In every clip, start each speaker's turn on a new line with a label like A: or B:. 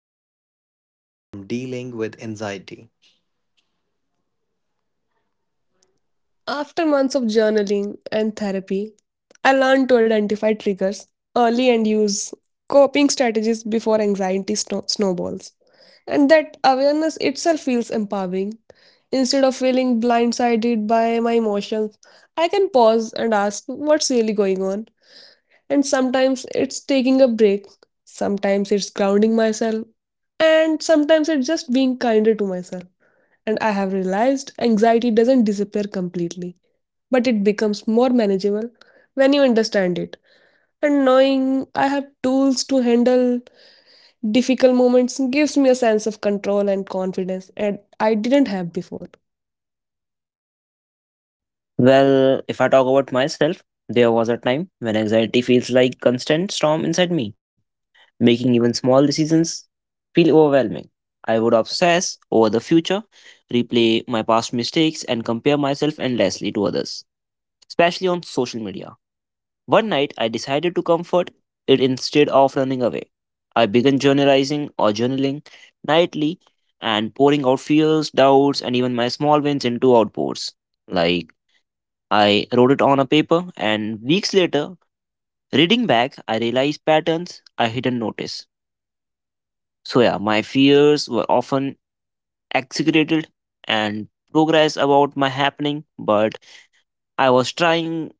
A: stories of growth from dealing with anxiety.
B: After months of journaling and therapy, I learned to identify triggers early and use coping strategies before anxiety snowballs. And that awareness itself feels empowering. Instead of feeling blindsided by my emotions, I can pause and ask what's really going on. And sometimes it's taking a break, sometimes it's grounding myself, and sometimes it's just being kinder to myself. And I have realized anxiety doesn't disappear completely but it becomes more manageable when you understand it. And knowing I have tools to handle difficult moments gives me a sense of control and confidence, and I didn't have before.
C: Well, if I talk about myself, there was a time when anxiety feels like constant storm inside me, making even small decisions feel overwhelming. I would obsess over the future, replay my past mistakes, and compare myself endlessly to others, especially on social media. One night, I decided to comfort it instead of running away. I began journalizing or journaling nightly and pouring out fears, doubts, and even my small wins into outpours like I wrote it on a paper, and weeks later, reading back, I realized patterns I hadn't noticed. So, yeah, my fears were often exaggerated and progress about my happening, but I was trying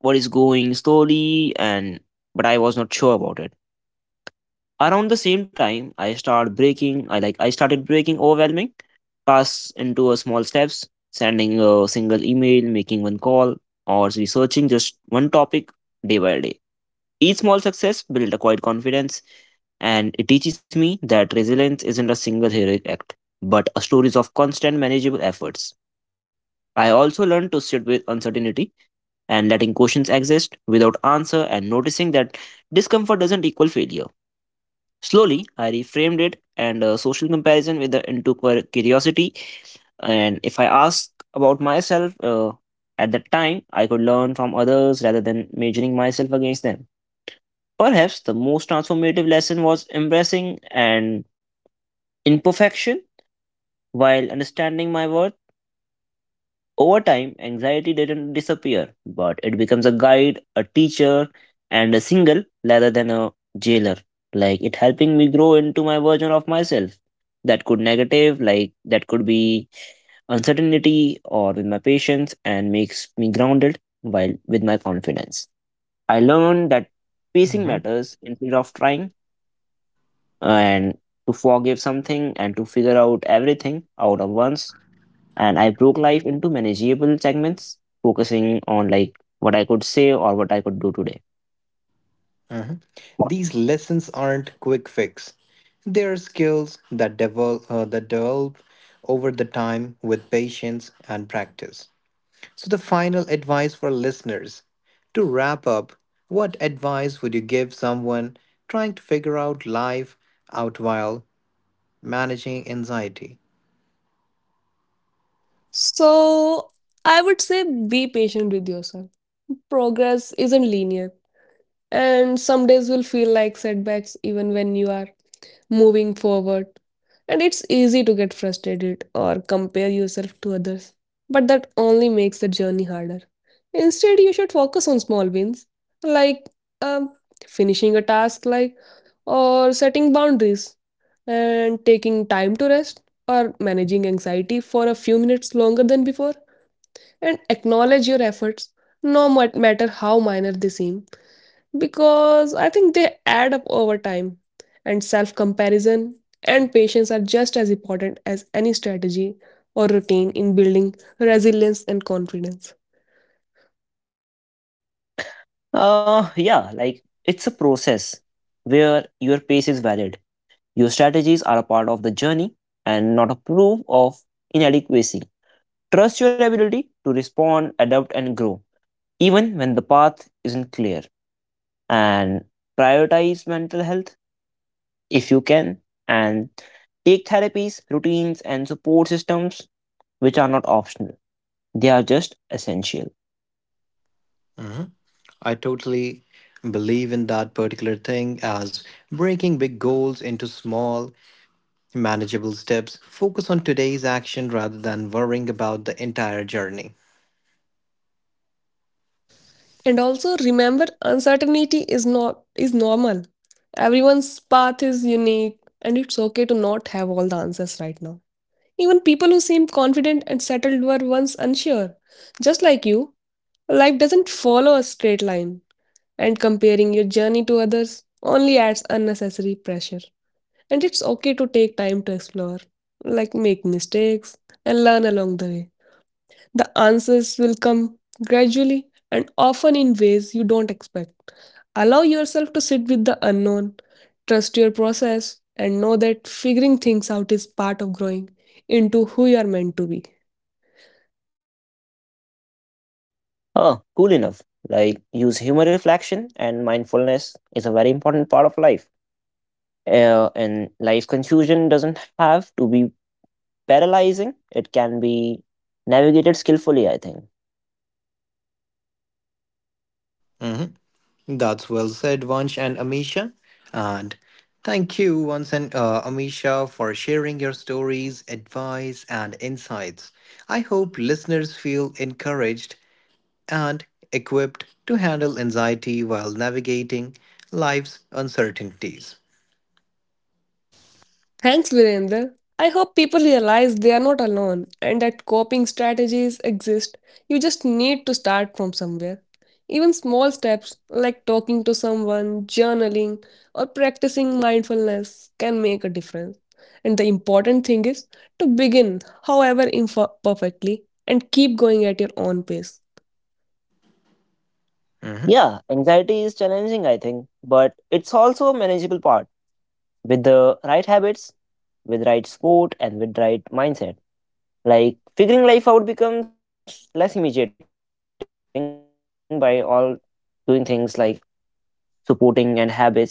C: what is going slowly and but I was not sure about it. Around the same time, I started breaking. I like I started breaking overwhelming tasks into a small steps, sending a single email, making one call, or researching just one topic day by day. Each small success built a quiet confidence, and it teaches me that resilience isn't a single heroic act, but a stories of constant manageable efforts. I also learned to sit with uncertainty and letting questions exist without answer and noticing that discomfort doesn't equal failure. Slowly, I reframed it and social comparison with the into curiosity. And if I ask about myself at that time, I could learn from others rather than measuring myself against them. Perhaps the most transformative lesson was embracing an imperfection while understanding my worth. Over time, anxiety didn't disappear, but it becomes a guide, a teacher, and a single rather than a jailer. Like it helping me grow into my version of myself. That could negative, like that could be uncertainty or with my patience and makes me grounded while with my confidence. I learned that pacing
A: Mhm.
C: matters instead of trying and to forgive something and to figure out everything out of once. And I broke life into manageable segments, focusing on like what I could say or what I could do today.
A: These lessons aren't quick fix. They are skills that develop, that develop over the time with patience and practice. So the final advice for listeners. To wrap up, what advice would you give someone trying to figure out life out while managing anxiety?
B: So I would say be patient with yourself. Progress isn't linear, and some days will feel like setbacks even when you are moving forward. And it's easy to get frustrated or compare yourself to others, but that only makes the journey harder. Instead, you should focus on small wins, like um, finishing a task, or setting boundaries and taking time to rest or managing anxiety for a few minutes longer than before and acknowledge your efforts no matter how minor they seem because I think they add up over time, and self comparison and patience are just as important as any strategy or routine in building resilience and confidence.
C: Yeah, like it's a process where your pace is valid. Your strategies are a part of the journey and not a proof of inadequacy. Trust your ability to respond, adapt, and grow, even when the path isn't clear. And prioritize mental health if you can, and take therapies, routines, and support systems which are not optional. They are just essential.
A: I totally believe in that particular thing as breaking big goals into small, manageable steps. Focus on today's action rather than worrying about the entire journey.
B: And also remember uncertainty is not is normal. Everyone's path is unique and it's okay to not have all the answers right now. Even people who seem confident and settled were once unsure. Just like you, life doesn't follow a straight line. And comparing your journey to others only adds unnecessary pressure. And it's okay to take time to explore, like make mistakes and learn along the way. The answers will come gradually and often in ways you don't expect. Allow yourself to sit with the unknown, trust your process, and know that figuring things out is part of growing into who you are meant to be.
C: Oh, cool enough. Like, use humor reflection and mindfulness is a very important part of life. And life confusion doesn't have to be paralyzing, it can be navigated skillfully, I think.
A: Mhm. That's well said, Vansh and Amisha. And thank you once and Amisha for sharing your stories, advice, and insights. I hope listeners feel encouraged and equipped to handle anxiety while navigating life's uncertainties.
B: Thanks, Virendra. I hope people realize they are not alone and that coping strategies exist. You just need to start from somewhere. Even small steps like talking to someone, journaling, or practicing mindfulness can make a difference. And the important thing is to begin, however imperfectly, and keep going at your own pace.
A: Mhm.
C: Yeah, anxiety is challenging, I think, but it's also a manageable part. With the right habits, with right sport, and with right mindset. Like figuring life out becomes less imitating by all doing things like supporting and habits. If you have a good habits,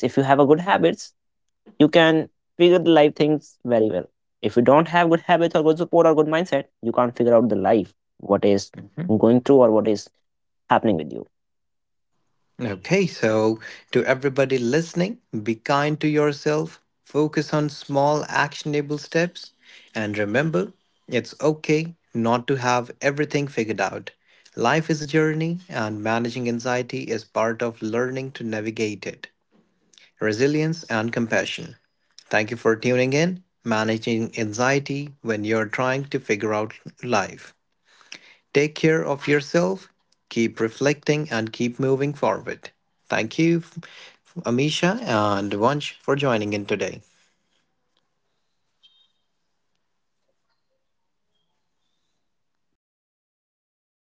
C: you can figure the life things very well. If you don't have good habits or good support or good mindset, you can't figure out the life, what is going through or what is
A: Mhm.
C: happening with you.
A: Okay, so to everybody listening, be kind to yourself, focus on small actionable steps, and remember it's okay not to have everything figured out. Life is a journey, and managing anxiety is part of learning to navigate it. Resilience and compassion. Thank you for tuning in. Managing anxiety when you're trying to figure out life. Take care of yourself, keep reflecting, and keep moving forward. Thank you, Amisha and Vansh, for joining in today.